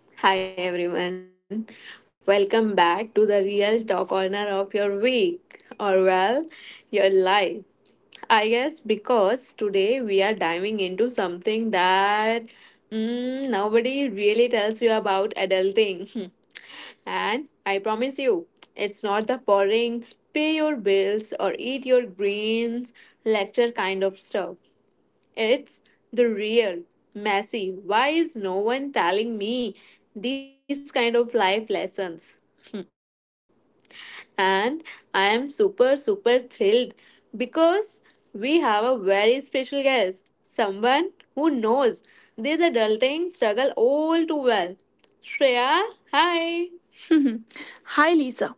Oh, hi everyone. Welcome back to the real talk corner of your week or, well, your life. I guess because today we are diving into something that nobody really tells you about adulting. And I promise you, it's not the boring pay your bills or eat your greens lecture kind of stuff. It's the real, messy. Why is no one telling me these kind of life lessons? And I am super thrilled because we have a very special guest, someone who knows this struggle all too well. Shreya, hi. Hi, Lisa.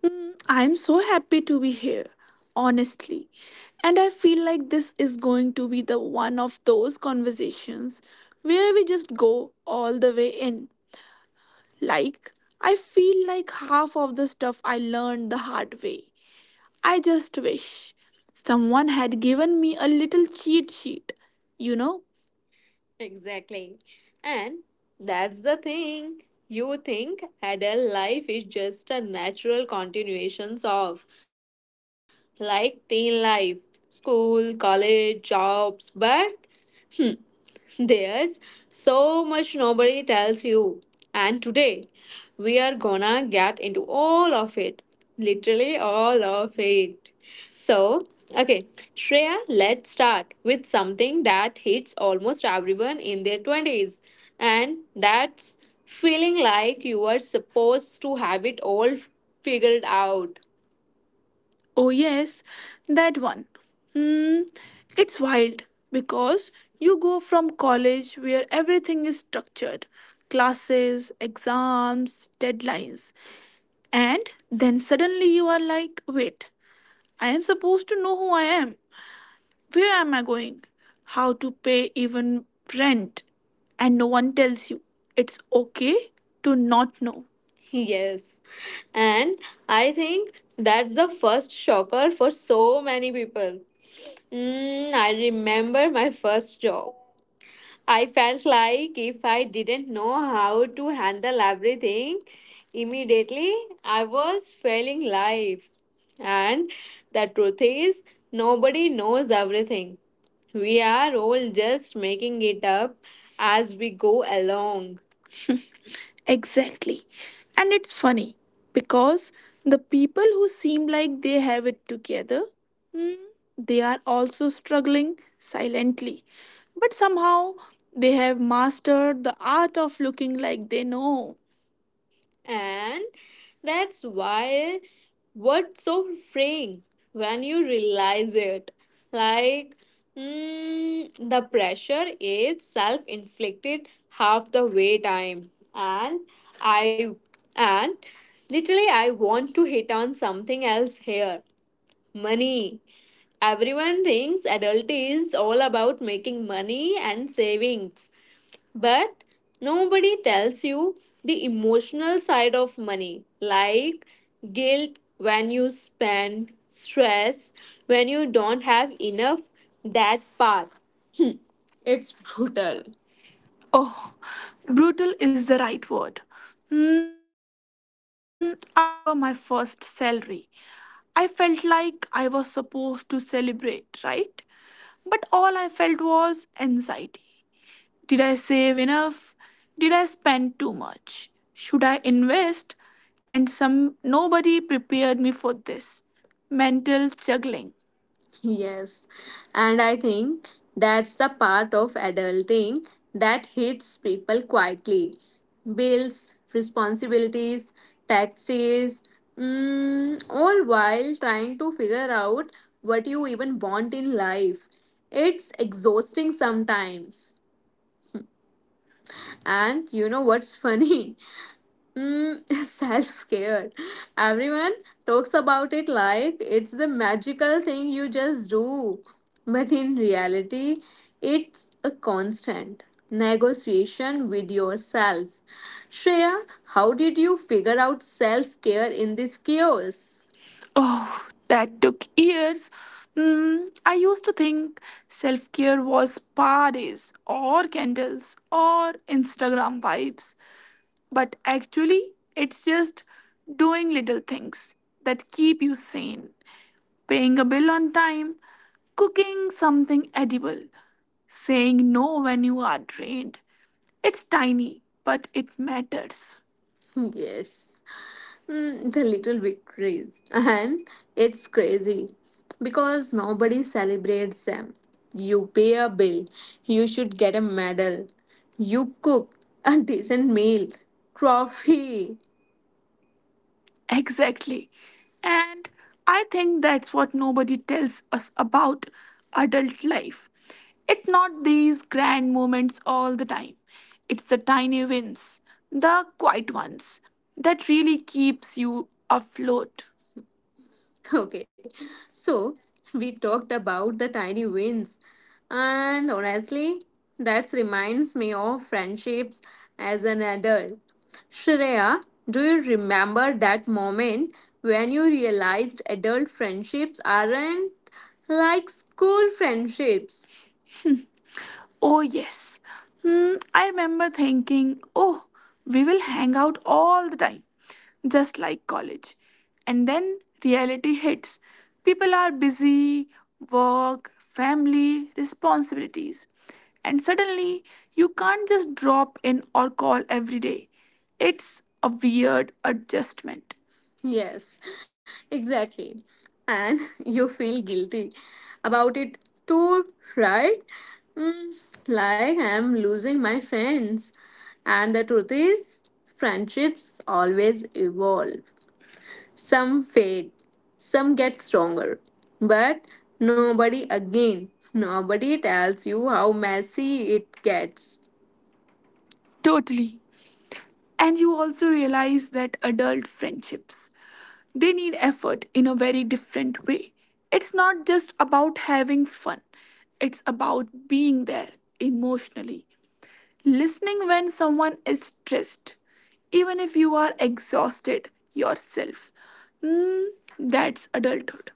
I'm so happy to be here, honestly. And I feel like this is going to be the one of those conversations where we just all the way in. Like, I feel like half of the stuff I learned the hard way. I just wish someone had given me a little cheat sheet, you know? Exactly. And that's the thing. You think adult life is just a natural continuation of, like, teen life, school, college, jobs, but there's so much nobody tells you. And today, we are gonna get into all of it. Literally, all of. So, okay, Shreya, let's start with something that hits almost everyone in their 20s. And that's feeling like you are supposed to have it all figured out. Oh, yes, that one. Hmm, it's wild because you go from college where everything is structured, classes, exams, deadlines, and then suddenly you are like, wait, I am supposed to know who I am. Where am I going? How to pay even rent? And no one tells you. It's okay to not know. Yes. And I think that's the first shocker for so many people. I remember my first job. I felt like if I didn't know how to handle everything immediately, I was failing life. And the truth is, nobody knows everything. We are all just making it up as we go along. Exactly. And it's funny because the people who seem like they have it together, hmm, they are also struggling silently. But somehow they have mastered the art of looking like they know. And that's why what's so freeing when you realize it. Like, the pressure is self inflicted half the way time. And I, and literally, I want to hit on something else here, money. Everyone thinks adult is all about making money and savings. But nobody tells you the emotional side of money, like guilt when you spend, stress when you don't have enough. That part, it's brutal. Oh, brutal is the right word. Hmm, I remember my first salary. I felt like I was supposed to celebrate, right? But all I felt was anxiety. Did I save enough? Did I spend too much? Should I invest? And some nobody prepared me for this. Mental juggling. Yes, and I think that's the part of adulting that hits people quietly. Bills, responsibilities, taxes, all while trying to figure out what you even want in life. It's exhausting sometimes. And you know what's funny? Mm, self care. Everyone talks about it like it's the magical thing you just do. But in reality, it's a constant negotiation with yourself. Shreya, how did you figure out self care in this chaos? Oh, that took years. I used to think self care was parties or candles or Instagram vibes, but actually, it's just doing little things that keep you sane. Paying a bill on time, cooking something edible, saying no when you are drained. It's tiny, but it matters. Yes. The little victories. And it's crazy because nobody celebrates them. You pay a bill, you should get a medal. You cook a decent meal, trophy. Exactly. And I think that's what nobody tells us about adult life. It's not these grand moments all the time. It's the tiny wins, the quiet ones, that really keeps you afloat. Okay, so we talked about the tiny wins, and honestly, that reminds me of friendships as an adult. Shreya, do you remember that moment when you realized adult friendships aren't like school friendships? Oh, yes. Hmm, I remember thinking, oh, we will hang out all the time, just like college. And then reality hits. People are busy, work, family, responsibilities. And suddenly, you can't just drop in or call every day. It's a weird adjustment. Yes, exactly. And you feel guilty about it too, right? Mm, like I'm losing my friends. And the truth is, friendships always evolve. Some fade, some get stronger. But nobody, again, nobody tells you how messy it gets. Totally. And you also realize that adult friendships, they need effort in a very different way. It's not just about having fun, it's about being there emotionally. Listening when someone is stressed, even if you are exhausted yourself. Mm, that's adulthood.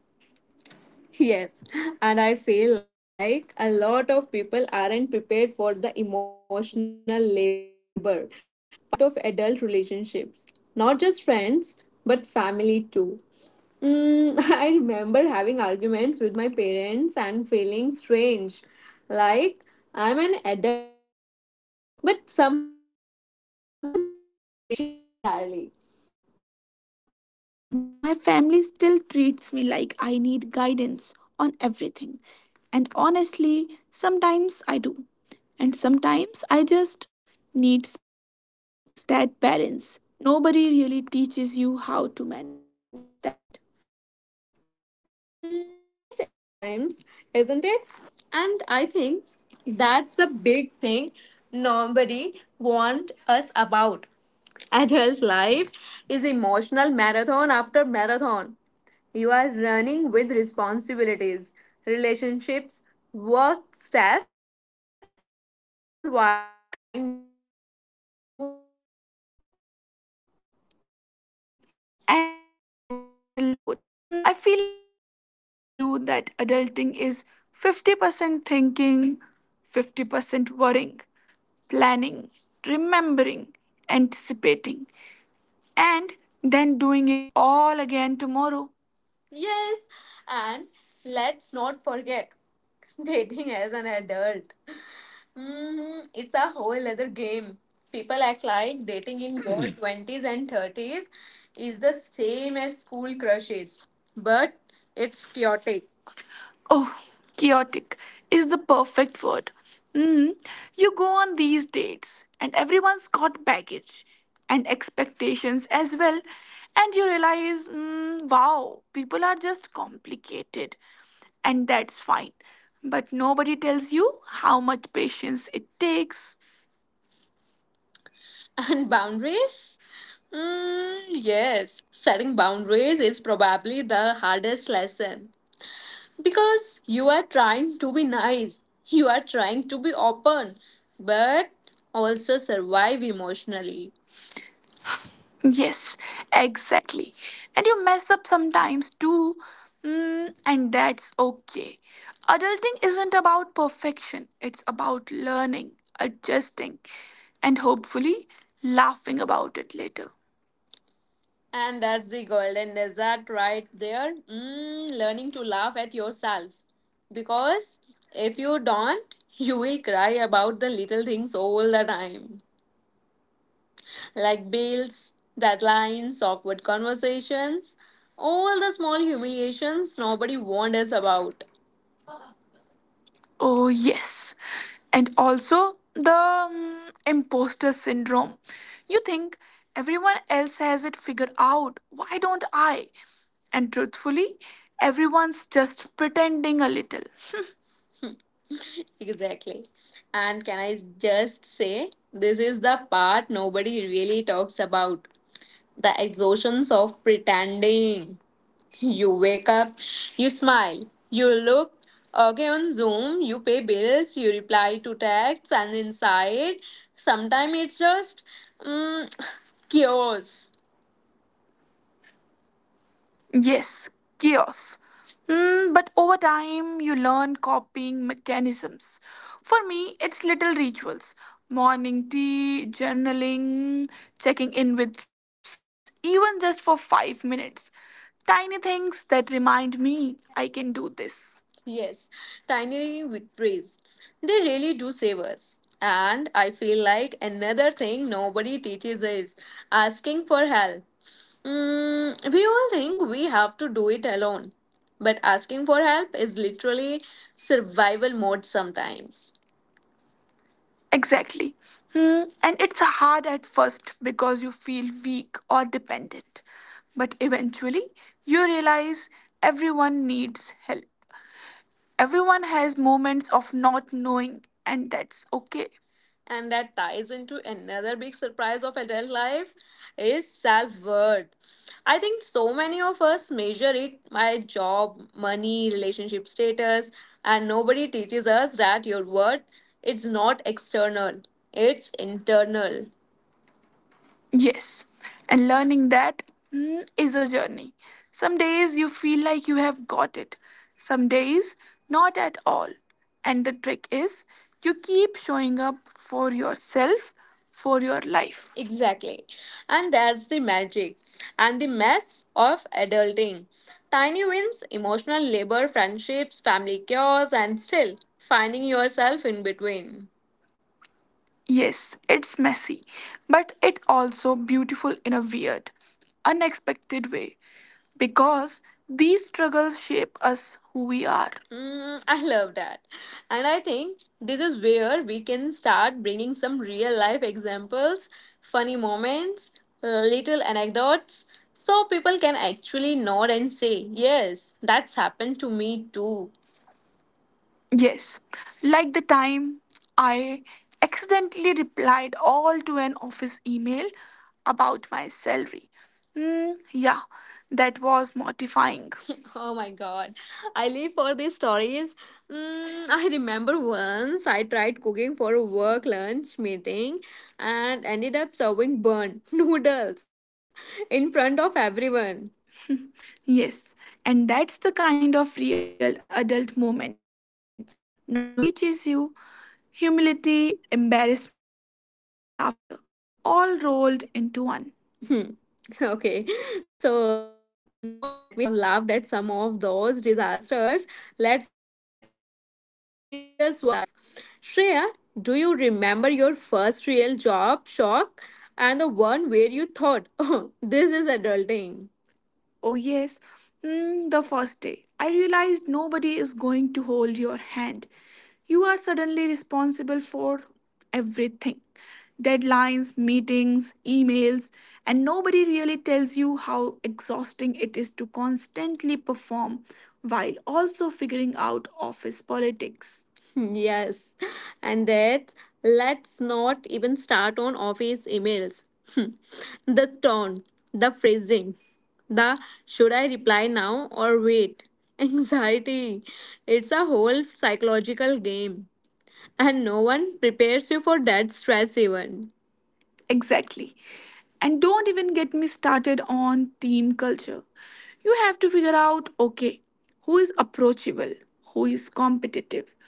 Yes, and I feel like a lot of people aren't prepared for the emotional labor part of adult relationships. Not just friends, but family too. Mm, I remember having arguments with my parents and feeling strange. Like, I'm an adult now, but somehow the dynamics never really change entirely. Hmm. My family still treats me like I need guidance on everything. And honestly, sometimes I do. And sometimes I just need space. That balance. Nobody really teaches you how to manage that. Mm, it's exhausting sometimes, isn't it? And I think that's the big thing nobody warned us about. Adult life is emotional marathon after marathon. You are running with responsibilities, relationships, work stress, all while trying not to forget who you are. Exactly. And oh, the mental load. Hmm, I feel like nobody tells you that adulting is 50% thinking, 50% worrying, planning, remembering, anticipating, and then doing it all again tomorrow. Yes, and let's not forget dating as an adult. Hmm, it's a whole other game. People act like dating in your 20s and 30s is the same as school crushes, but it's chaotic. Oh, chaotic is the perfect word. Mm, you go on these dates, and everyone's got baggage and expectations as well, and you realize, wow, people are just complicated, and that's fine. But nobody tells you how much patience it takes. And boundaries? Mm, yes, setting boundaries probably the hardest lesson. Because you are trying to be nice, you are trying to be open, but also survive emotionally. Yes, exactly. And you mess up sometimes too, and that's okay. Adulting isn't about perfection, it's about learning, adjusting, and hopefully laughing about it later. And that's the golden desert right there. Learning to laugh at yourself. Because if you don't, you will cry about the little things all the time. Like bills, deadlines, awkward conversations, all the small humiliations nobody warned us about. Oh, yes. And also the imposter syndrome. You think everyone else has it figured out. Why don't I? And truthfully, everyone's just pretending a little. Exactly. And can I just say, this is the part nobody really talks about, the exhaustions of pretending. You wake up, you smile, you look okay on Zoom, you pay bills, you reply to texts, and inside, sometimes it's just mm, chaos. Yes, chaos. But over time, you learn coping mechanisms. For me, it's little rituals, morning tea, journaling, checking in with friends, even just for 5 minutes. Tiny things that remind me I can do this. Yes, tiny victories. They really do save us. And I feel like another thing nobody teaches is asking for help. We all think we have to do it alone. But asking for help is literally survival mode sometimes. Exactly. Hmm. And it's hard at first because you feel weak or dependent. But eventually, you realize everyone needs help. Everyone has moments of not knowing, and that's okay. And that ties into another big surprise of adult life is self-worth. I think so many of us measure it by job, money, relationship status, and nobody teaches us that your worth, it's not external, it's internal. Yes, and learning that is a journey. Some days you feel like you have got it, some days not at all. And the trick is you keep showing up for yourself, for your life. Exactly. And that's the magic and the mess of adulting. Tiny wins, emotional labor, friendships, family cures, and still finding yourself in between. Yes, it's messy, but it also beautiful in a weird, unexpected way because these struggles shape us who we are. I love that. And I think this is where we can start bringing some real life examples, funny moments, little anecdotes, so people can actually nod and say, yes, that's happened to me too. Yes, like the time I accidentally replied all to an office email about my salary. Mm, yeah, that was mortifying. Oh my god, I live for these stories. I remember once I tried cooking for a work lunch meeting and ended up serving burnt noodles in front of everyone. Yes, and that's the kind of real adult moment nobody teaches you. Humility, embarrassment, laughter, all rolled into one. Hmm. Okay, so now that we have laughed at some of those disasters, let's get a little serious work life. Shreya, do you remember your first real job shock and the one where you thought, oh, this is adulting? Oh, yes. The first day. I realized nobody is going to hold your hand. You are suddenly responsible for everything, deadlines, meetings, emails, and nobody really tells you how exhausting it is to constantly perform while also figuring out office politics. Yes, and that, let's not even start on office emails. Hmm. The tone, the phrasing, the should I reply now or wait? Anxiety. It's a whole psychological game, and no one prepares you for that stress even. Exactly. And don't even get me started on team culture. You have to figure out okay, who is approachable, who is competitive,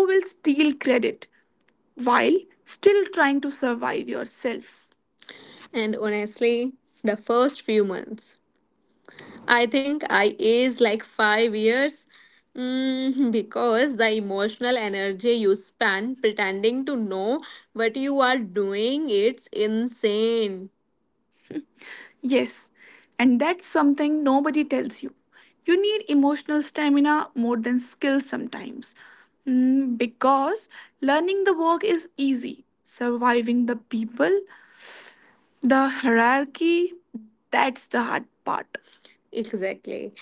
who will steal credit while still trying to survive yourself. And honestly, the first few months, I think I aged like 5 years, because the emotional energy you spend pretending to know what you are doing, it's insane. Yes, and that's something nobody tells you. You need emotional stamina more than skill sometimes. Because learning the work is easy, surviving the people, the hierarchy, that's the hard part. Exactly.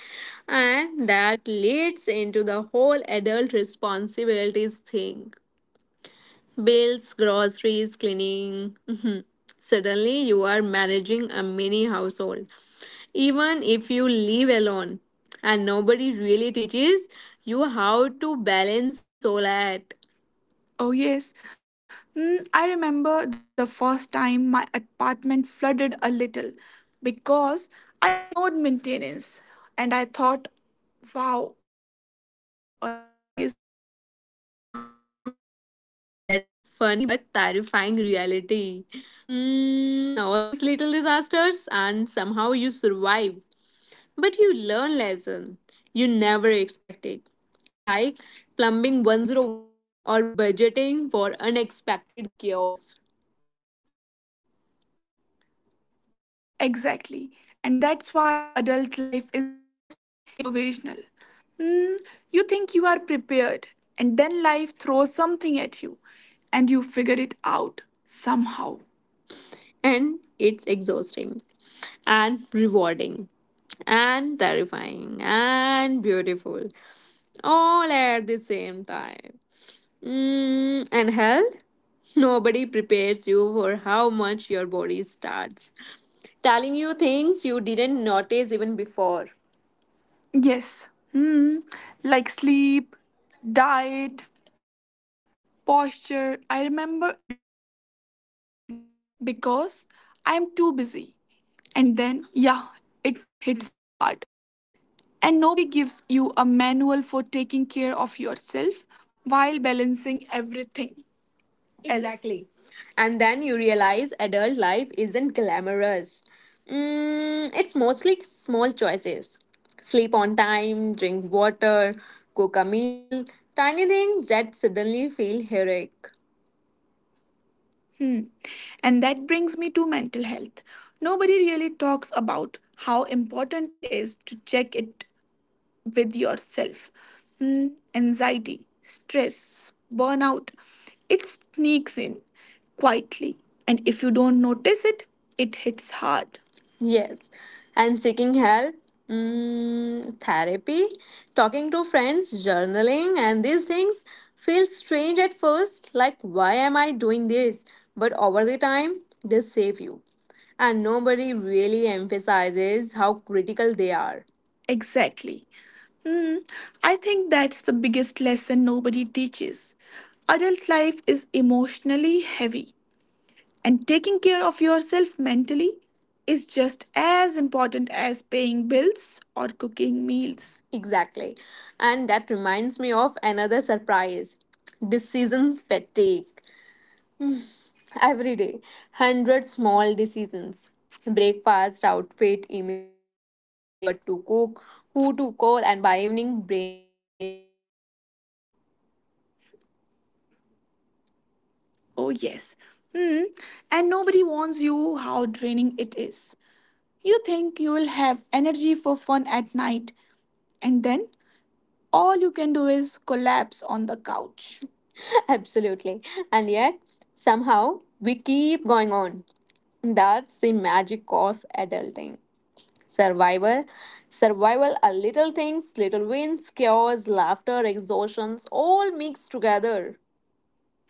And that leads into the whole adult responsibilities thing, bills, groceries, cleaning. Mhm. Suddenly, you are managing a mini household. Even if you live alone, and nobody really teaches you how to balance all that. Oh, yes. I remember the first time my apartment flooded a little because I ignored maintenance and I thought, wow, adulting is brutal too. Oh, yes. And that's a funny but terrifying reality. All these little disasters, and somehow you survive. But you learn lesson you never expected. Like plumbing 101 or budgeting for unexpected chaos. Exactly. And that's why adult life is mostly improvisational. Mm, you think you are and then life throws something at you, and you figure it out somehow. And it's exhausting and rewarding and terrifying and beautiful all at the same time. And health? Nobody prepares you for how much your body starts telling you things you didn't notice even before. Yes. Hmm. Like sleep, diet, posture. I remember ignoring back pain because I'm too busy. And then, yeah, it hits hard. And nobody gives you a manual for taking care of yourself while balancing everything and then you realize adult life isn't glamorous. It's mostly small choices, sleep on time, drink water, cook a meal, tiny things that suddenly feel heroic. Hmm. And that brings me to mental health. Nobody really talks about how important it is to check it with yourself. Anxiety, stress, burnout, it sneaks in quietly, and if you don't notice it, it hits hard. Yes, and seeking help, therapy, talking to friends, journaling, and these things feel strange at first like, why am I doing this? But over the time, they save you. And nobody really emphasizes how critical they are. Exactly. Hmm. I think that's the biggest lesson nobody teaches. Adult life is emotionally heavy, and taking care of yourself mentally is just as important as paying bills or cooking meals. Exactly. And that reminds me of another surprise, decision fatigue. Every day, hundred small decisions. Breakfast, outfit, email, what to cook, who to call, and by evening, brain is fried. Oh, yes. Hmm. And nobody warns you how draining it is. You think you will have energy for fun at night, and then all you can do is collapse on the couch. Absolutely. And yet, somehow, we keep going on. That's the magic of adulting. Survival. Survival are little things, little wins, cures, laughter, exhaustions, all mixed together.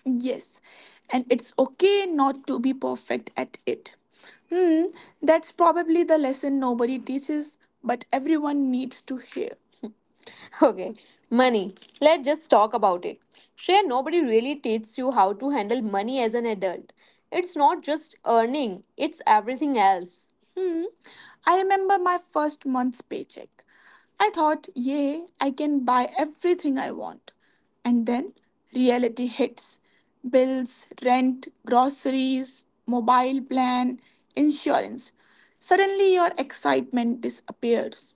Yes, and it's okay not to be perfect at it. Hmm, that's probably the lesson nobody teaches, but everyone needs to hear. Okay, money. Let's just talk about it. Shreya, nobody really teaches you how to handle money as an adult. It's not just earning, it's everything else. Hmm. I remember my first month's paycheck. I thought, yay, I can buy everything I want. And then reality hits, bills, rent, groceries, mobile plan, insurance. Suddenly your excitement disappears.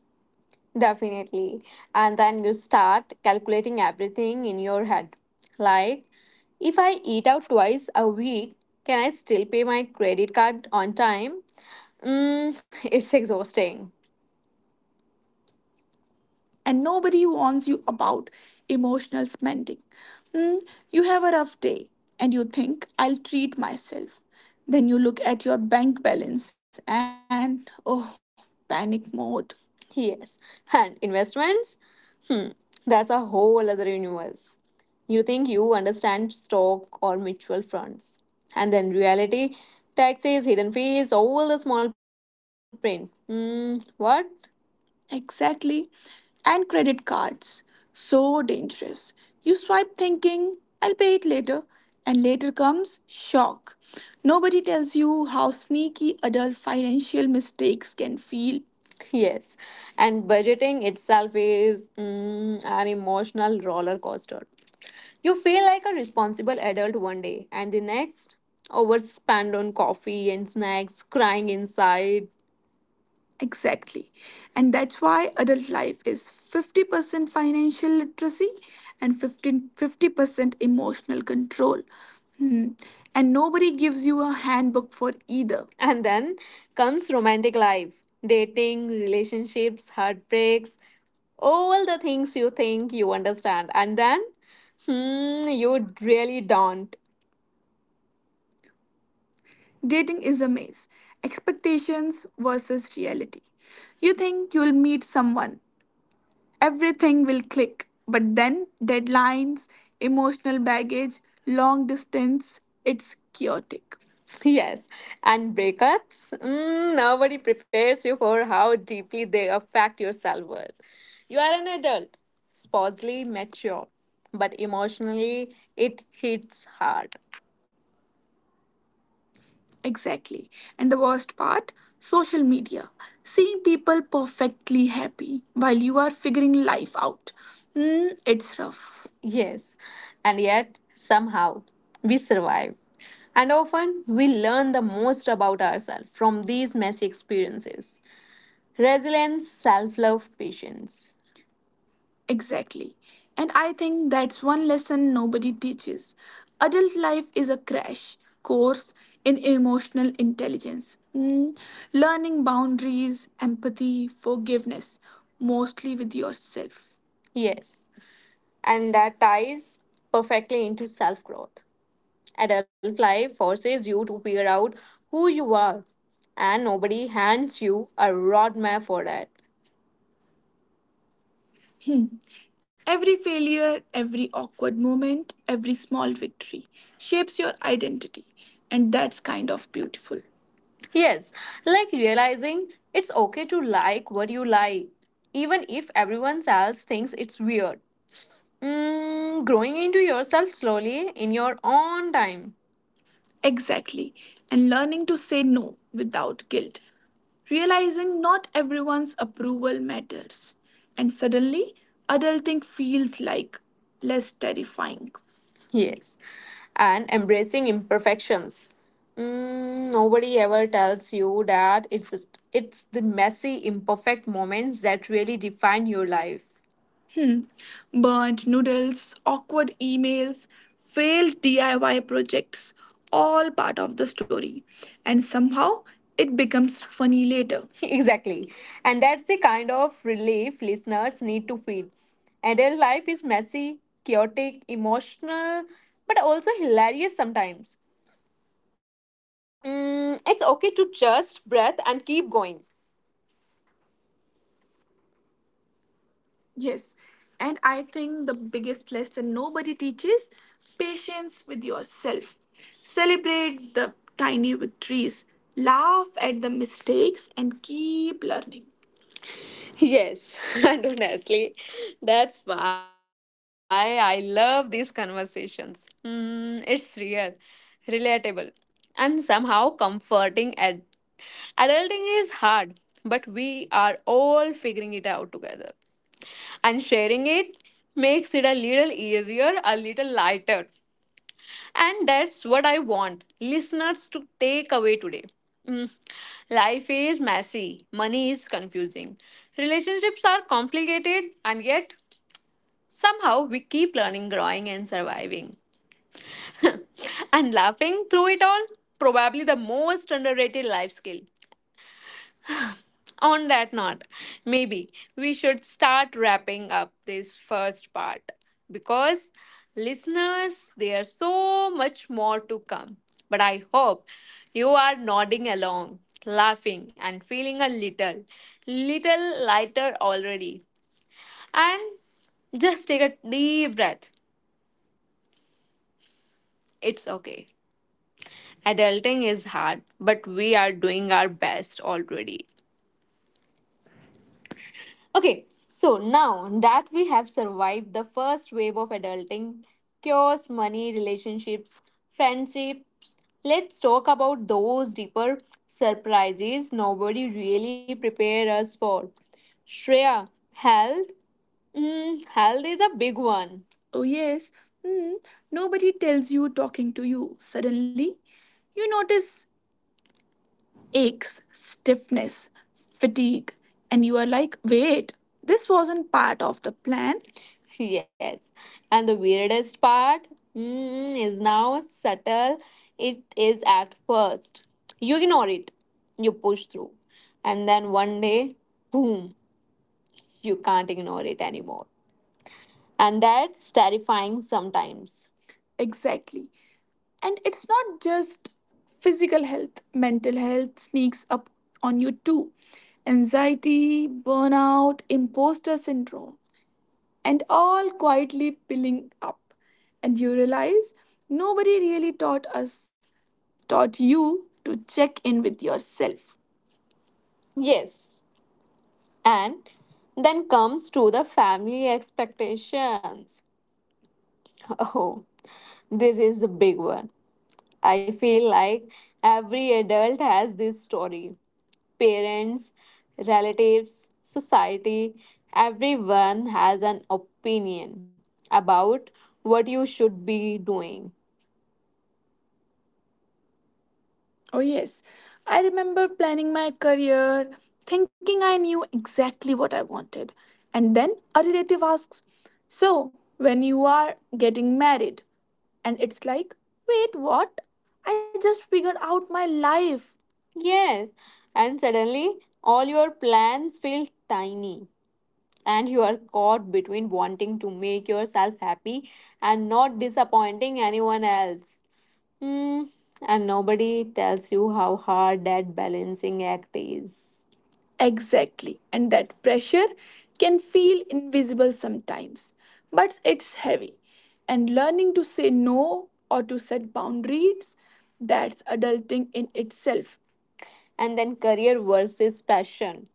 Definitely. And then you start calculating everything in your head. Like, if I eat out twice a week, can I still pay my credit card on time? It's exhausting and nobody warns you about emotional spending. Hmm, you have a rough day and you think, I'll treat myself. Then you look at your bank balance and oh, panic mode. Yes. And investments? Hmm. That's a whole other universe. You think you understand stock or mutual funds. And then reality, taxes, hidden fees, all the small print. Hmm. What? Exactly. And credit cards. So dangerous. You swipe thinking, I'll pay it later. And later comes shock. Nobody tells you how sneaky adult financial mistakes can feel. Yes, and budgeting itself is an emotional roller coaster. You feel like a responsible adult one day, and the next, overspend on coffee and snacks, crying inside. Exactly. And that's why adult life is 50% financial literacy and 15 50% emotional control. Hmm. And nobody gives you a handbook for either. And then comes romantic life, dating, relationships, heartbreaks, all the things you think you understand. And then, hmm, you really don't. Dating is a maze. Expectations versus reality. You think you'll meet someone, everything will click, but then deadlines, emotional baggage, long distance, it's chaotic. Yes, and breakups. Nobody prepares you for how deeply they affect your self worth. You are an adult, supposedly mature, but emotionally it hits hard. Exactly. And the worst part, social media. Seeing people perfectly happy while you are figuring life out. It's rough. Yes, and yet somehow we survive. And often we learn the most about ourselves from these messy experiences, resilience, self love, patience. Exactly. And I think that's one lesson nobody teaches. Adult life is a crash course in emotional intelligence, learning boundaries, empathy, forgiveness, mostly with yourself. Yes, and that ties perfectly into self growth. Adult life forces you to figure out who you are, and nobody hands you a roadmap for that. Every failure, every awkward moment, every small victory shapes your identity, and that's kind of beautiful. Yes, like realizing it's okay to like what you like, even if everyone else thinks it's weird. Growing into yourself slowly in your own time. Exactly. And learning to say no without guilt. Realizing not everyone's approval matters. And suddenly, adulting feels like less terrifying. Yes. And embracing imperfections. Nobody ever tells you that it's the messy, imperfect moments that really define your life. Burnt noodles, awkward emails, failed DIY projects, all part of the story. And somehow it becomes funny later. Exactly. And that's the kind of relief listeners need to feel. Adult life is messy, chaotic, emotional, but also hilarious sometimes. It's okay to just breathe and keep going. Yes, and I think the biggest lesson nobody teaches, patience with yourself. Celebrate the tiny victories, laugh at the mistakes, and keep learning. Yes, and honestly, that's why I love these conversations. It's real, relatable, and somehow comforting. Adulting is hard, but we are all figuring it out together and sharing it makes it a little easier, a little lighter. And that's what I want listeners to take away today. Mm, Life is messy, money is confusing, relationships are complicated, and yet somehow we keep learning, growing, and surviving. And laughing through it all, probably the most underrated life skill. On that note, maybe we should start wrapping up this first part because listeners, there's so much more to come. But I hope you are nodding along, laughing, and feeling a little, little lighter already. And just take a deep breath. It's okay. Adulting is hard, but we are doing our best already. Okay, so now that we have survived the first wave of adulting, cures, money, relationships, friendships, let's talk about those deeper surprises nobody really prepared us for. Shreya, health? Health is a big one. Oh, yes. Hmm. Nobody tells you talking to you. Suddenly, you notice aches, stiffness, fatigue, and you are like, wait, this wasn't part of the plan. Yes. And the weirdest part is now subtle it is at first. You ignore it, you push through. And then one day, boom, you can't ignore it anymore. And that's terrifying sometimes. Exactly. And it's not just physical health, mental health sneaks up on you too. Anxiety, burnout, imposter syndrome, and all quietly piling up. And you realize nobody really taught you to check in with yourself. Yes. And then comes to the family expectations. Oh, this is a big one. I feel like every adult has this story. Parents, relatives, society, everyone has an opinion about what you should be doing. Oh, yes. I remember planning my career, thinking I knew exactly what I wanted. And then a relative asks, "So, when you are getting married?" And it's like, "Wait, what? I just figured out my life." Yes, and suddenly all your plans feel tiny, and you are caught between wanting to make yourself happy and not disappointing anyone else. Mm, and nobody tells you how hard that balancing act is. Exactly. And that pressure can feel invisible sometimes, but it's heavy. And learning to say no or to set boundaries, that's adulting in itself. And then career versus passion.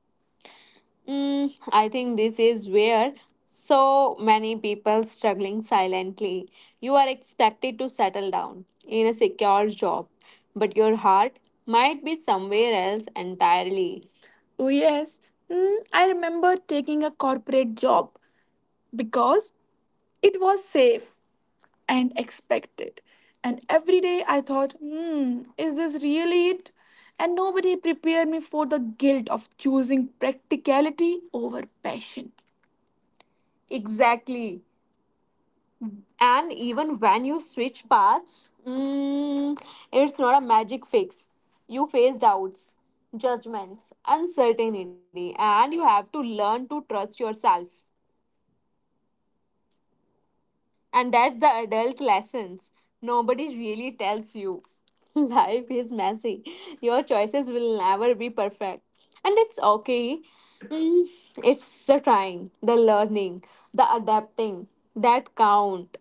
I think this is where so many people struggling silently. You are expected to settle down in a secure job, but your heart might be somewhere else entirely. Oh, yes. I remember taking a corporate job because it was safe and expected. And every day I thought, is this really it? And nobody prepared me for the guilt of choosing practicality over passion. Exactly. And even when you switch paths, it's not a magic fix. You face doubts, judgments, uncertainty, and you have to learn to trust yourself. And that's the adult lessons. Nobody really tells you. Life is messy. Your choices will never be perfect. And it's okay. Mm, It's the trying, the learning, the adapting that count.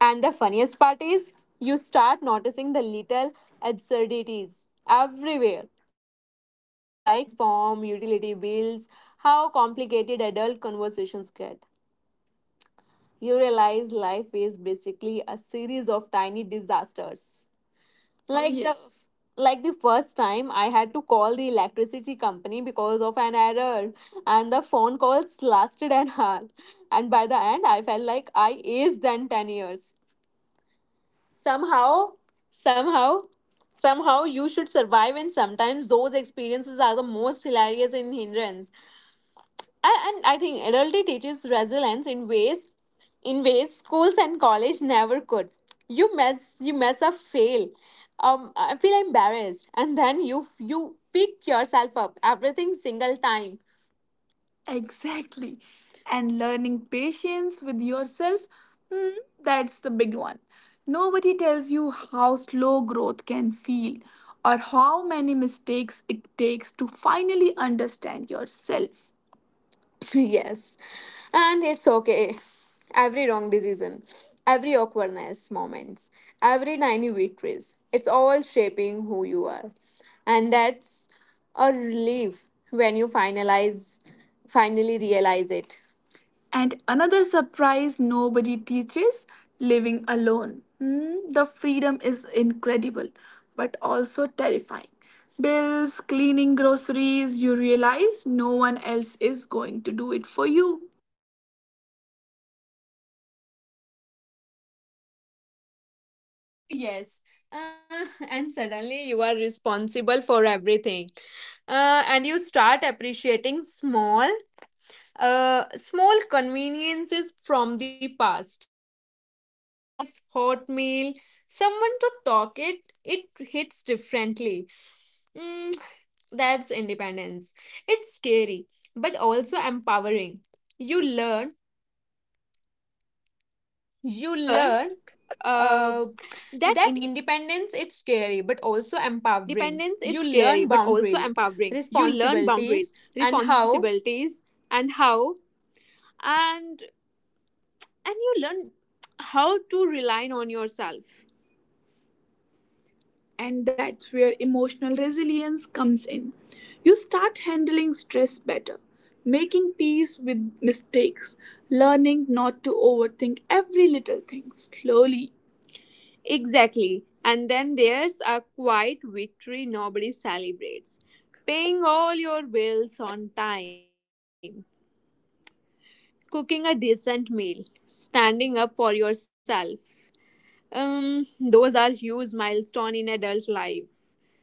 And the funniest part is you start noticing the little absurdities everywhere, like insurance form, utility bills, how complicated adult conversations. You realize life is basically a series of tiny disasters. Oh, like the yes. Like the first time I had to call the electricity company because of an error, and the phone lasted an hour, and by the end I felt like I aged than 10 years somehow. Somehow somehow you should survive, and sometimes those experiences are the most hilarious in hindrance. And I think adulthood teaches resilience in ways, in ways schools and college never could. You mess up, fail, I feel embarrassed, and then you pick yourself up everything single time. Exactly. And learning patience with yourself, hmm, that's the big one. Nobody tells you how slow growth can feel or how many mistakes it takes to finally understand yourself. Yes. And it's okay. Every wrong decision, every awkwardness moments, every tiny victories. It's all shaping who you are. And that's a relief when you finalize finally realize it. And another surprise nobody teaches, living alone. The freedom is incredible, but also terrifying. Bills, cleaning, groceries, you realize no one else is going to do it for you. Yes. And suddenly you are responsible for everything, and you start appreciating small conveniences from the past. Laundries, hot meal, someone to talk it, it hits differently. mm, that's independence. It's scary but also empowering. You learn you You learn learn uh, uh, that that independence, independence it's it's scary scary but but also also empowering. empowering. You You learn learn boundaries, boundaries, responsibilities, responsibilities, and and how how and and you learn how to rely on yourself, and that's where emotional resilience comes in. You start handling stress better, making peace with mistakes, learning not to overthink every little thing slowly. Exactly. And then there's a quiet victory nobody celebrates: paying all your bills on time, cooking a decent meal, standing up for yourself. Those are huge milestones in adult life.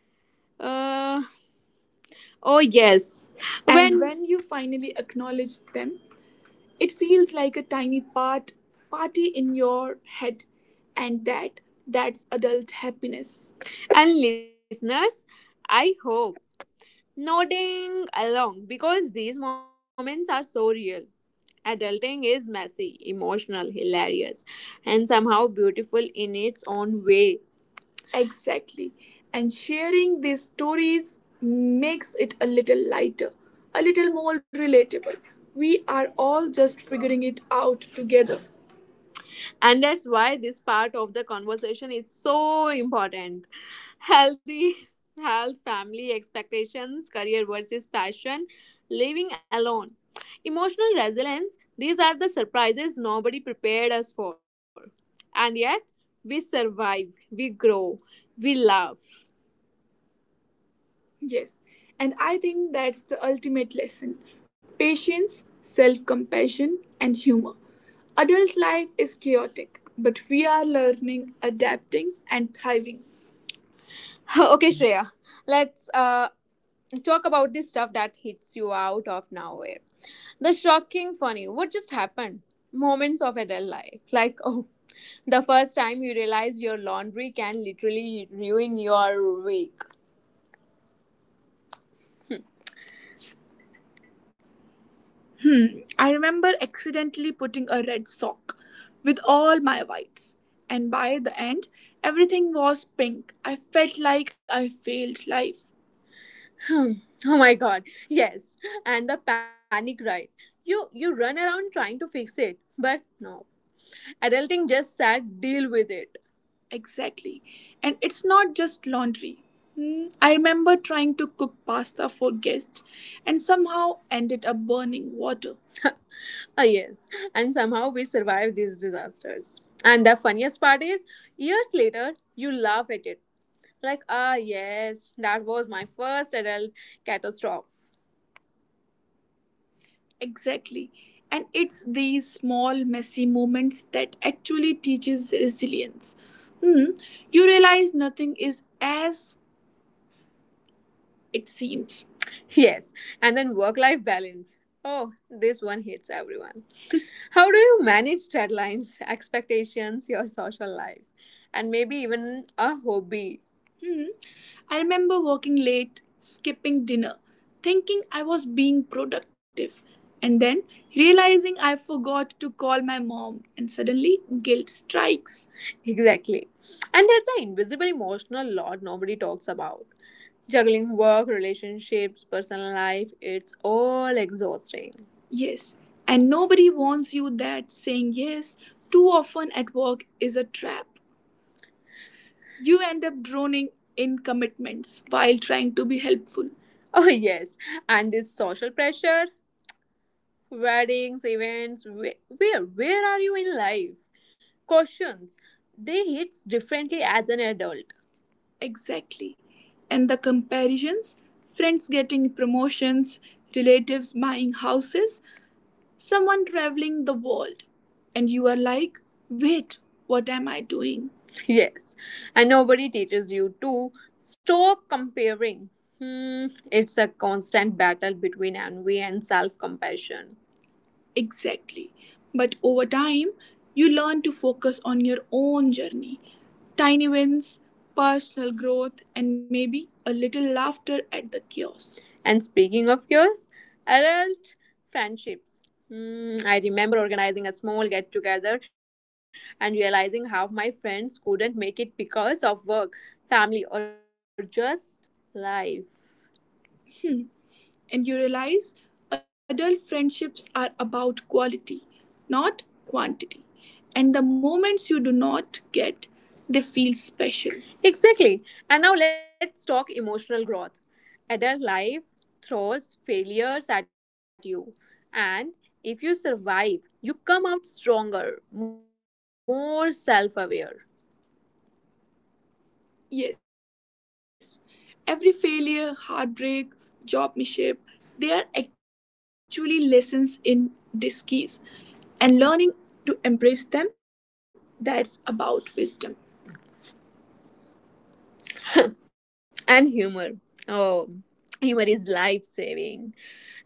Uh, oh, yes. And when you finally acknowledge them, it feels like a tiny party in your head, and that's adult happiness. And listeners, I hope nodding along because these moments are so real. Adulting is messy, emotional, hilarious, and somehow beautiful in its own way. Exactly. And sharing these stories makes it a little lighter, a little more relatable. We are all just figuring it out together, and that's why this part of the conversation is so important. Healthy, health, family expectations, career versus passion, living alone, emotional resilience, these are the surprises nobody prepared us for, and yet we survive, we grow, we love. Yes, and I think that's the ultimate lesson: patience, self compassion, and humor. Adult life is chaotic, but we are learning, adapting, and thriving. Okay, Shreya, let's talk about this stuff that hits you out of nowhere. The shocking, funny, what just happened? Moments of adult life. Like, oh, the first time you realize your laundry can literally ruin your week. Hmm, I remember accidentally putting a red sock with all my whites, and by the end, everything was pink. I felt like I failed life. Hmm. Oh my god. Yes. And the panic ride. You run around trying to fix it, but no. Adulting just said deal with it. Exactly. And it's not just laundry. Hmm, I remember trying to cook pasta for guests and somehow ended up burning water. Ah yes, and somehow we survive these disasters. And the funniest part is, years later, you laugh at it. Like, ah, yes, that was my first adult catastrophe. Exactly. And it's these small messy moments that actually teaches resilience. Hmm. You realize nothing is as it seems. Yes, and then work life balance. Oh, this one hits everyone. How do you manage deadlines, expectations, your social life, and maybe even a hobby? Hmm. I remember working late, skipping dinner, thinking I was being productive, and then realizing I forgot to call my mom, and suddenly guilt strikes. Exactly. And there's the invisible emotional load nobody talks about. Juggling work, relationships, personal life, it's all exhausting. Yes, and nobody warns you that saying yes too often at work is a trap. You end up drowning in commitments while trying to be helpful. Oh, yes. And this social pressure, weddings, events, where are you in life? Questions. They hit differently as an adult. Exactly. And the comparisons: friends getting promotions, relatives buying houses, someone traveling the world. And you are like, wait, what am I doing? Yes, and nobody teaches you to stop comparing. Hmm, it's a constant battle between envy and self compassion. Exactly. But over time, you learn to focus on your own journey. Tiny wins, personal growth, and maybe a little laughter at the chaos. And speaking of yours, adult friendships. Hmm, I remember organizing a small get together and realizing half my friends couldn't make it because of work, family, or just life, and you realize adult friendships are about quality, not quantity. And the moments you do not get, they feel special. Exactly. And now let's talk emotional growth. Adult life throws failures at you. And if you survive, you come out stronger, more self aware. Yes, every failure, heartbreak, job mishap, they are actually lessons in disguise, and learning to embrace them, that's about wisdom. And humor. Oh, humor is life saving.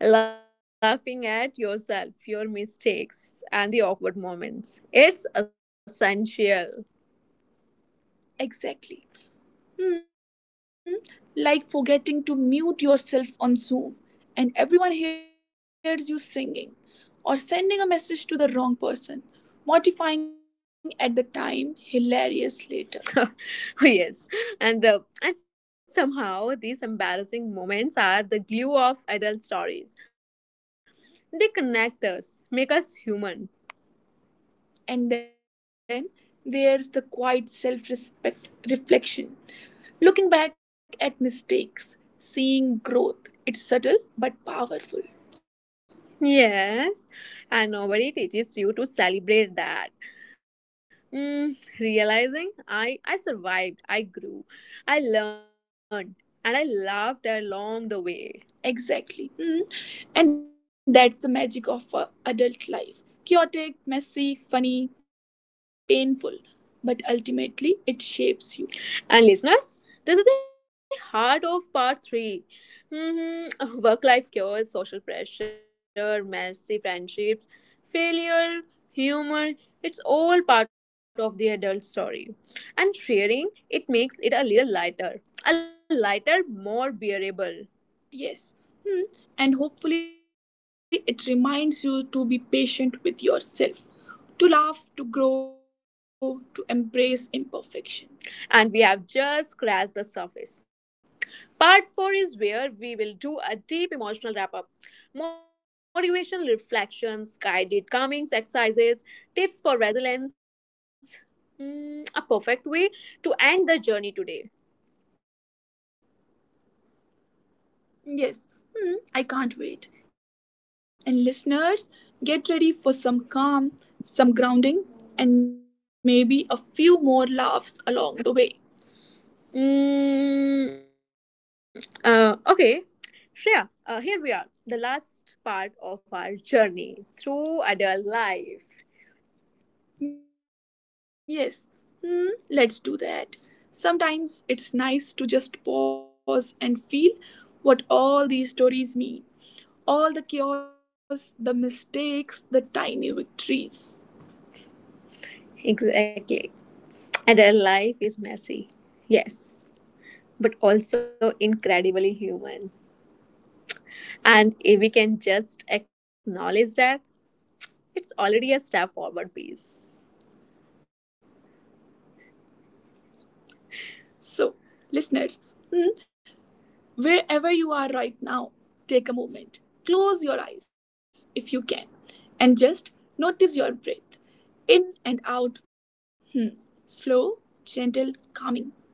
Laughing at yourself, your mistakes, and the awkward moments. It's essential. Exactly. Hmm. Like forgetting to mute yourself on Zoom and everyone hears you singing, or sending a message to the wrong person. Mortifying at the time, hilarious later. Oh, yes, and uh, and somehow these embarrassing moments are the glue of adult stories. They connect us, make us human. And then there's the quiet self respect reflection. Looking back at mistakes, seeing growth. It's subtle but powerful. Yes, and nobody teaches you to celebrate that. Mm, realizing I survived, I grew, I learned, and I laughed along the way. Exactly. Mm. And that's the magic of adult life: chaotic, messy, funny, painful. But ultimately, it shapes you. And listeners, this is the heart of part 3. Mm-hmm. Work life cures, social pressure, messy friendships, failure, humor, it's all part of the adult story. And sharing, it makes it a little lighter. A lighter, more bearable. Yes. Hmm. And hopefully, it reminds you to be patient with yourself, to laugh, to grow, to embrace imperfection. And we have just scratched the surface. Part 4 is where we will do a deep emotional wrap up. Motivational reflections, guided calming exercises, tips for resilience. Hmm, a perfect way to end the journey today. Yes. Hmm, I can't wait. And listeners, get ready for some calm, some grounding, and maybe a few more laughs along the way. Mm, okay, Shreya, here we are, the last part of our journey through adult life. Yes, hmm, let's do that. Sometimes it's nice to just pause and feel what all these stories mean. All the chaos, the mistakes, the tiny victories. Exactly. Adult life is messy, yes, but also incredibly human. And if we can just acknowledge that, it's already a step forward. Peace. So, listeners, hmm, wherever you are right now, take a moment, close your eyes if you can, and just notice your breath in and out. Hmm, slow, gentle, calming.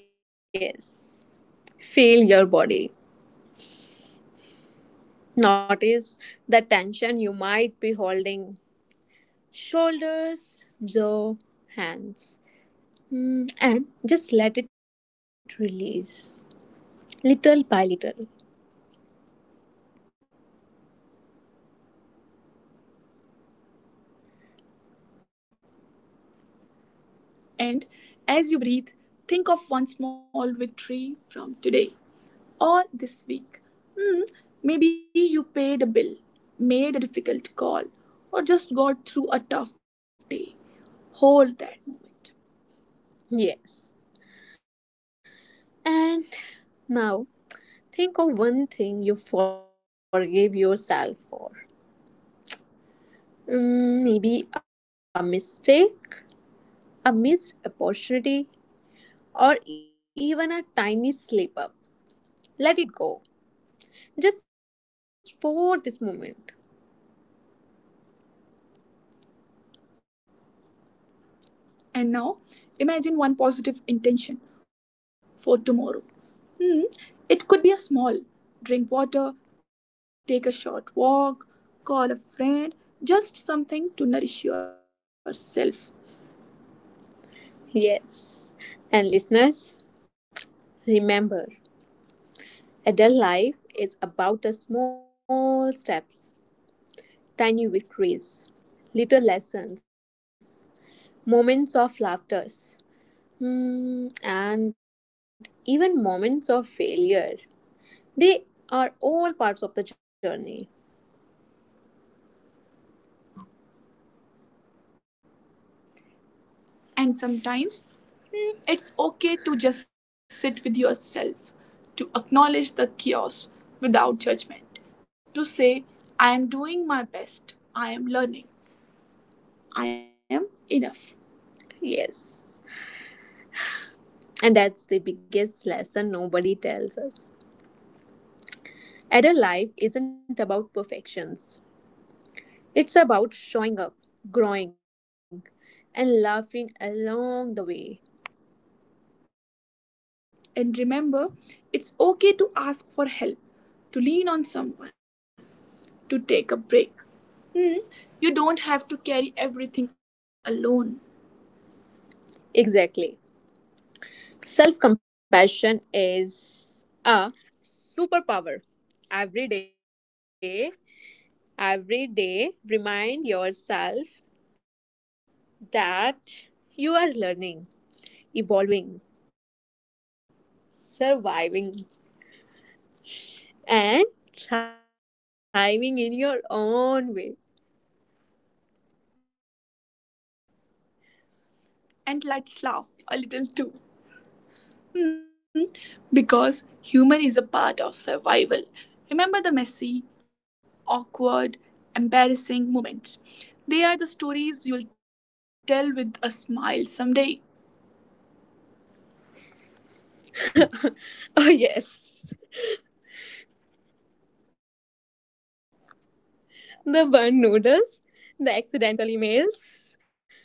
Yes. Feel your body. Notice the tension you might be holding: shoulders, jaw, hands. Mm, and just let it release, little by little. And as you breathe, think of one small victory from today or this week. Hmm, maybe you paid a bill, made a difficult call, or just got through a tough day. Hold that moment. Yes. And now think of one thing you forgave yourself for. Mm, maybe a mistake, a missed opportunity, or even a tiny slip up. Let it go, just for this moment. And now imagine one positive intention for tomorrow. Hmm, it could be a small: drink water, take a short walk, call a friend, just something to nourish yourself. Yes. And listeners, remember adult life is about the small steps, tiny victories, little lessons, moments of laughters, hmm, and even moments of failure, they are all parts of the journey. And sometimes, mm, it's okay to just sit with yourself, to acknowledge the chaos without judgment, to say, I am doing my best, I am learning, I am enough. Yes, and that's the biggest lesson nobody tells us: adult life isn't about perfections. It's about showing up, growing, and laughing along the way. And remember, it's okay to ask for help, to lean on someone, to take a break. You don't have to carry everything alone. Exactly. Self compassion is a superpower. Every day, every day, remind yourself that you are learning, evolving, surviving, and thriving in your own way. And let's laugh a little too. Hmm, because human is a part of survival. Remember the messy, awkward, embarrassing moments. They are the stories you will tell with a smile someday. Oh, yes, the burnt noodles, the accidental emails,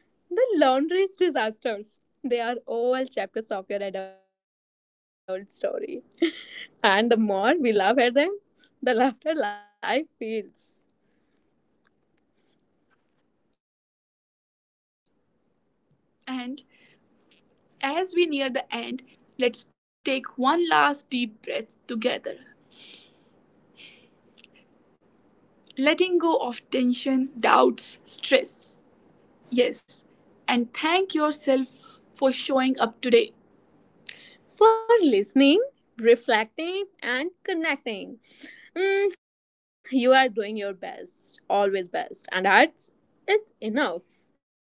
the laundry's disasters. They are all chapters of your adult story. And the more we laugh at them, the laughter life feels. And as we near the end, let's take one last deep breath together, letting go of tension, doubts, stress. Yes, and thank yourself for showing up today. For listening, reflecting, and connecting, mm, you are doing your best, always best, and that is enough.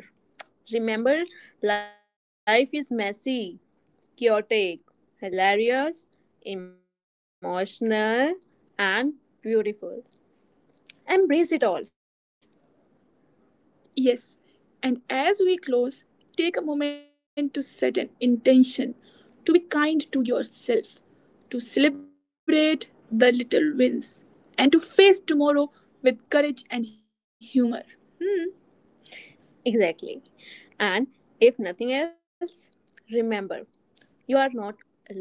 Remember, remember, life is messy, chaotic, hilarious, emotional, and beautiful. Embrace it all. Yes, and as we close, take a moment to set an intention to be kind to yourself, to celebrate the little wins, and to face tomorrow with courage and humor. Hmm. Exactly. And if nothing else, remember you are not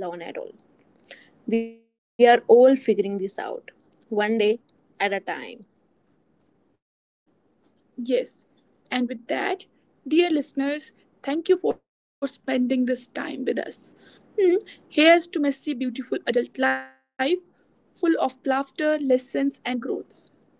alone at all. We are all figuring this out, one day at a time. Yes. And with that, dear listeners, thank you for spending this time with us. Hmm. Here's to messy, beautiful adult life, full of laughter, lessons, and growth.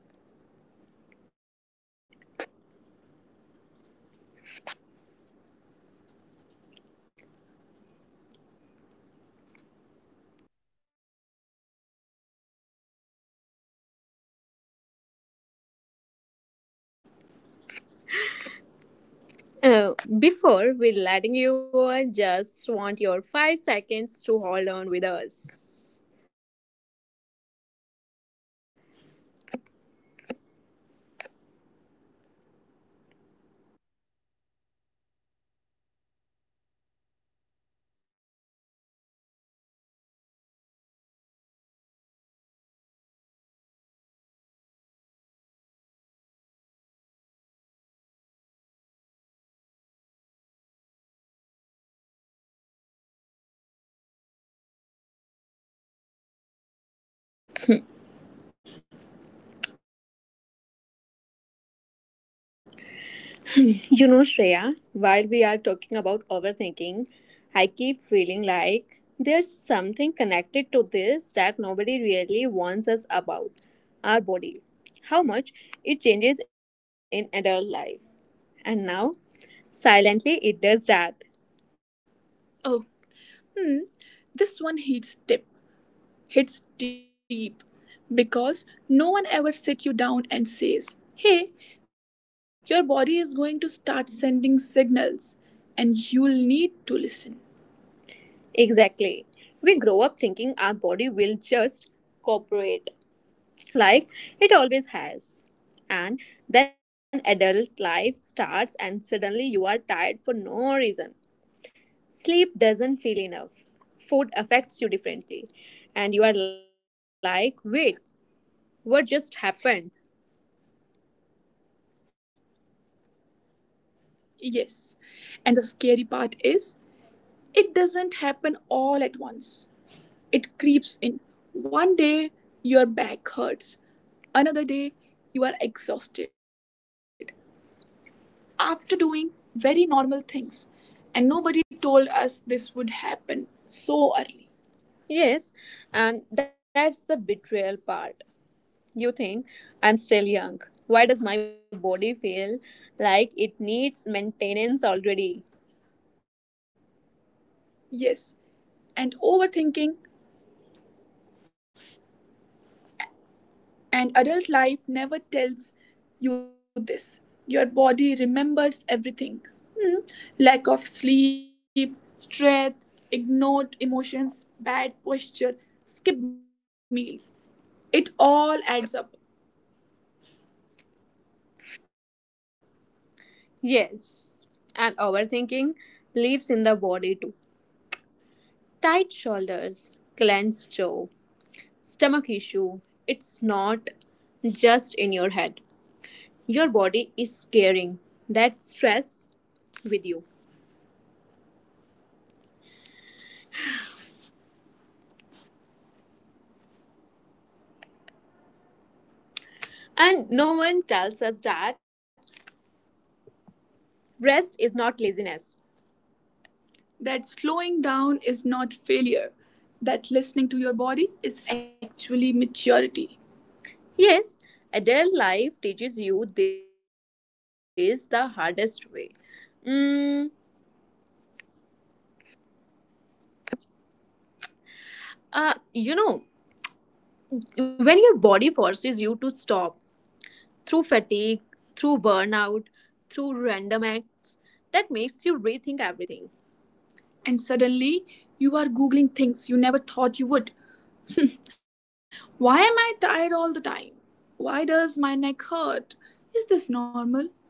Uh, Before we letting you go, I just want your 5 seconds to hold on with us. You know, Shreya, while we are talking about overthinking, I keep feeling like there's something connected to this that nobody really warns us about: our body, how much it changes in adult life. And now, silently, it does that. Oh, hmm. This one heats tip hits deep because no one ever sits you down and says, "Hey, your body is going to start sending signals and you'll need to listen." Exactly. We grow up thinking our body will just cooperate, like it always has. And then adult life starts, and suddenly you are tired for no reason. Sleep doesn't feel enough. Food affects you differently. And you are like, wait, what just happened? Yes. And the scary part is, it doesn't happen all at once. It creeps in. One day, your back hurts. Another day, you are exhausted after doing very normal things. And nobody told us this would happen so early. Yes, and that's the betrayal part. You think I'm still young. Why does my body feel like it needs maintenance already? Yes, and overthinking, and adult life never tells you this. Your body remembers everything. Hmm, lack of sleep, stress, ignored emotions, bad posture, skipped meals. It all adds up. Yes, and overthinking lives in the body too. Tight shoulders, clenched jaw, stomach issue. It's not just in your head. Your body is carrying that stress with you. And no one tells us that rest is not laziness. That slowing down is not failure. That listening to your body is actually maturity. Yes, adult life teaches you this the hardest way. Mm, uh, you know, when your body forces you to stop through fatigue, through burnout, through random acts, that makes you rethink everything. And suddenly, you are Googling things you never thought you would. Why am I tired all the time? Why does my neck hurt? Is this normal?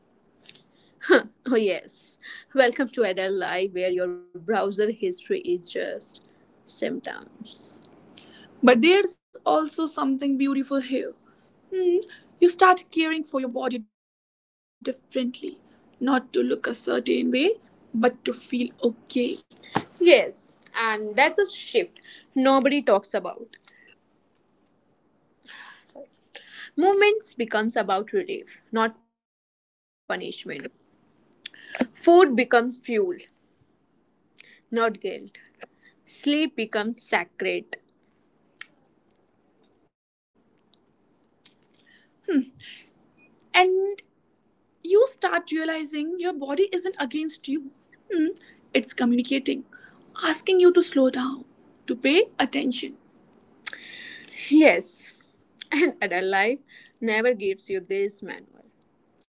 Huh. Oh, yes. Welcome to adult life, where your browser history is just symptoms. But there's also something beautiful here. You start caring for your body differently, not to look a certain way, but to feel okay. Yes, and that's a shift nobody talks about. Movements becomes about relief, not punishment. Food becomes fuel, not guilt. Sleep becomes sacred. And you start realizing your body isn't against you, it's communicating, asking you to slow down, to pay attention. Yes, and adult life never gives you this manual.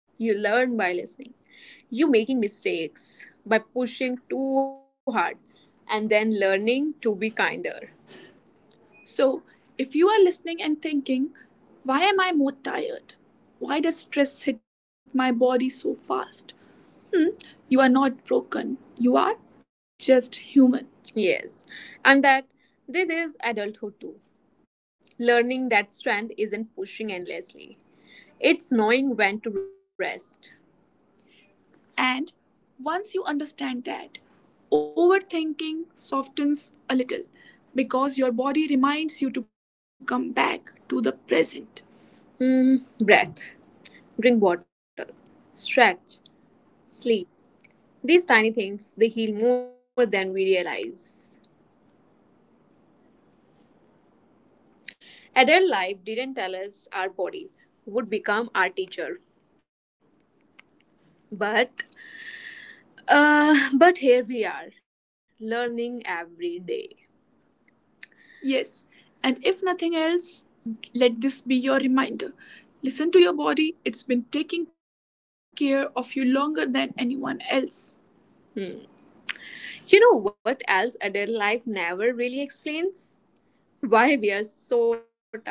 You learn by listening, you making mistakes by pushing too hard, and then learning to be kinder. So, if you are listening and thinking, why am I more tired? Why does stress hit my body so fast? You are not broken. You are just human. Yes, and that this is adulthood too. Learning that strength isn't pushing endlessly, it's knowing when to rest. And once you understand that, overthinking softens a little because your body reminds you to come back to the present. Breath, drink water, stretch, sleep. These tiny things, they heal more than we realize. Adult life didn't tell us our body would become our teacher, but but here we are, learning every day. Yes, and if nothing else, let this be your reminder. Listen to your body, it's been taking care of you longer than anyone else. Hmm. You know what else adult life never really explains? Why we are so tired.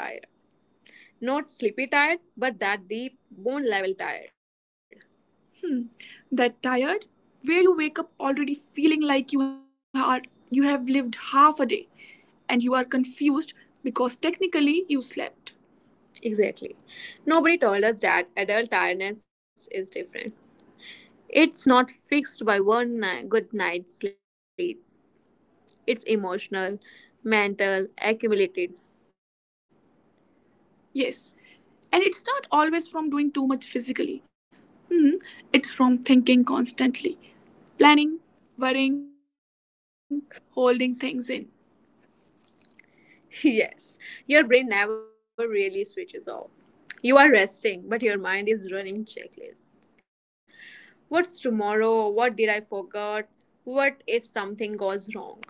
Not sleepy tired, but that deep bone level tired. That tired, where you wake up already feeling like you have lived half a day and you are confused because technically you slept. Exactly. Nobody told us that adult tiredness is different. It's not fixed by one good night's sleep, it's emotional, mental, accumulated. Yes. And it's not always from doing too much physically. Hmm, it's from thinking constantly. Planning, worrying, holding things in. Yes, your brain never really switches off. You are resting, but your mind is running checklists. What's tomorrow? What did I forget? What if something goes wrong?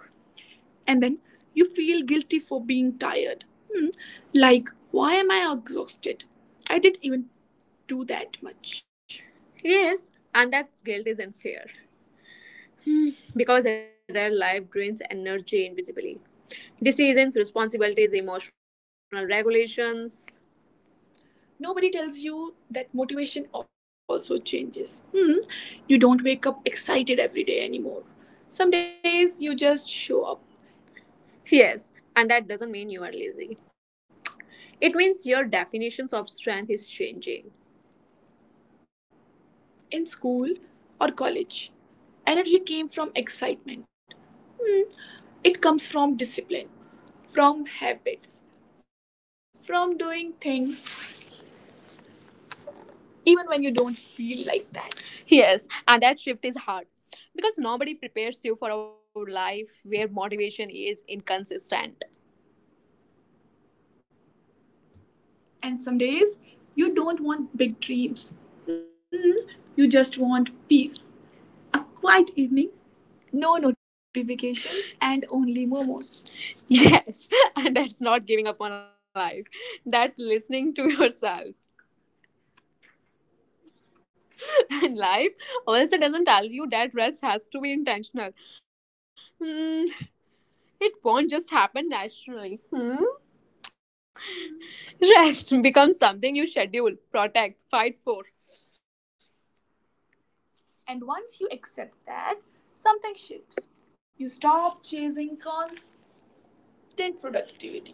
And then you feel guilty for being tired. Hmm, like, why am I exhausted? I didn't even do that much. Yes, and that guilt is unfair, because it our life drains energy invisibly. Decisions, responsibilities, emotional regulations. Nobody tells you that motivation also changes. You don't wake up excited every day anymore. Some days you just show up. Yes, and that doesn't mean you are lazy. It means your definitions of strength is changing. In school or college, energy came from excitement. It comes from discipline, from habits, from doing things even when you don't feel like that. Yes, and that shift is hard because nobody prepares you for a life where motivation is inconsistent. And some days you don't want big dreams. Mm, you just want peace. A quiet evening, no notifications, and only momos. Yes, and that's not giving up on life. That's listening to yourself. And life also doesn't tell you that rest has to be intentional. Hmm, it won't just happen naturally. Hmm? Rest becomes something you schedule, protect, fight for. And once you accept that, something shifts. You stop chasing constant productivity.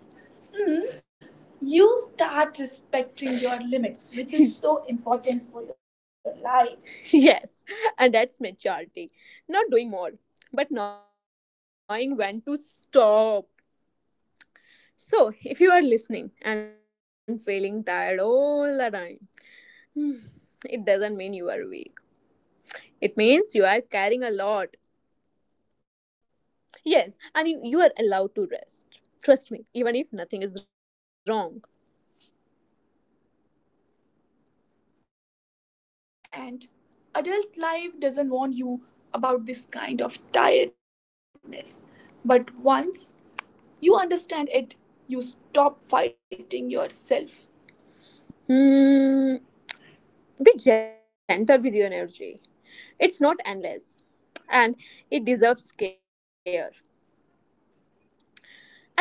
You start respecting your limits, which is so important for your life. Yes, and that's maturity. Not doing more, but knowing when to stop. So, if you are listening and feeling tired all the time, it doesn't mean you are weak. It means you are carrying a lot. Yes, and you are allowed to rest. Trust me, even if nothing is wrong. And adult life doesn't warn you about this kind of tiredness. But once you understand it, you stop fighting yourself. Hmm. Be gentle with your energy. It's not endless, and it deserves care.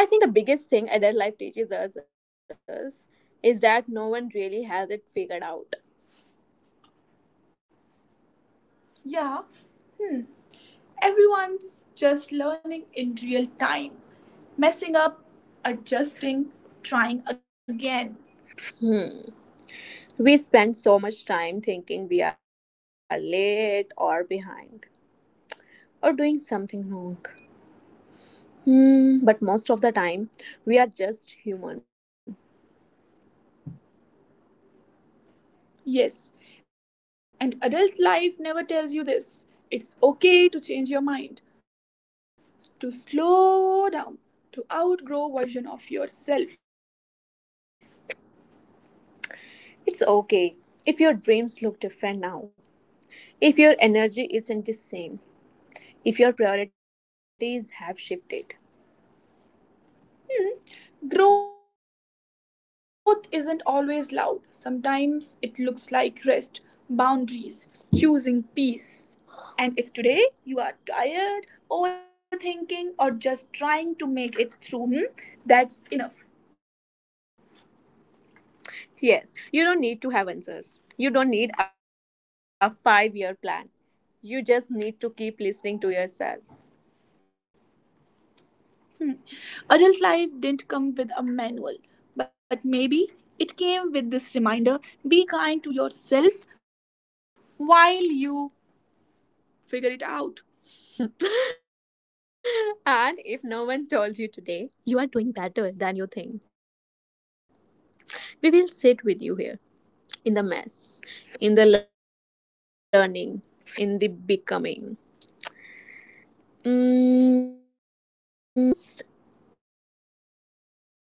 I think the biggest thing adult life teaches us is that no one really has it figured out. Yeah. Everyone's just learning in real time, messing up, adjusting, trying again. Hmm. We spend so much time thinking we are late or behind or doing something wrong. Hmm. But most of the time, we are just human. Yes, and adult life never tells you this. It's okay to change your mind, to slow down, to outgrow version of yourself. It's okay if your dreams look different now, if your energy isn't the same, if your priorities have shifted. Growth isn't always loud. Sometimes it looks like rest, boundaries, choosing peace. And if today you are tired, overthinking, or just trying to make it through, that's enough. Yes, you don't need to have answers. You don't need a 5-year plan. You just need to keep listening to yourself. Adult life didn't come with a manual, but maybe it came with this reminder: be kind to yourself while you figure it out. And if no one told you today, you are doing better than you think. We will sit with you here in the mess, in the learning, in the becoming. Mm,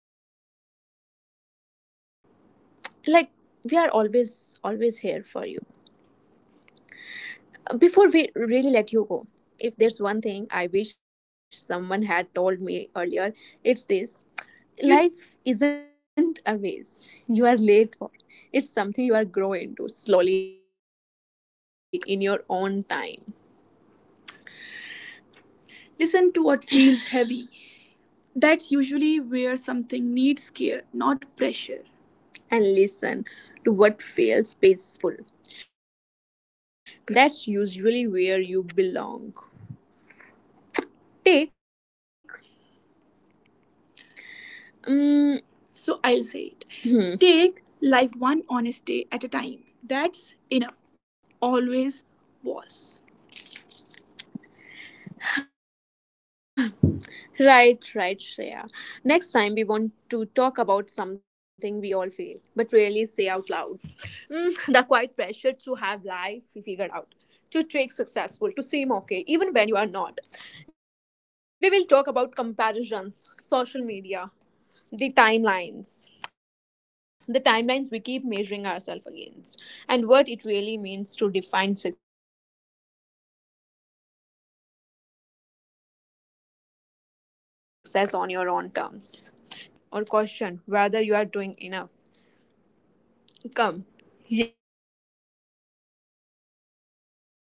I just like we are always always here for you. Before we really let you go, if there's one thing I wish someone had told me earlier, it's this. Life isn't a race you are late for. It's something you are growing into slowly in your own time. Listen to what feels heavy. That's usually where something needs care, not pressure. And listen to what feels peaceful. That's usually where you belong. Take, mm, So I'll say it. Take life one honest day at a time. That's enough. Always was. Right, right, Shreya. Next time we want to talk about something we all feel, but really say out loud. The quiet pressure to have life figured out, to trick successful, to seem okay, even when you are not. We will talk about comparisons, social media, the timelines, the timelines we keep measuring ourselves against, and what it really means to define success on your own terms. So, if you have ever felt behind or questioned whether you are doing enough, come sit with us again. We'll figure it out together. Yes.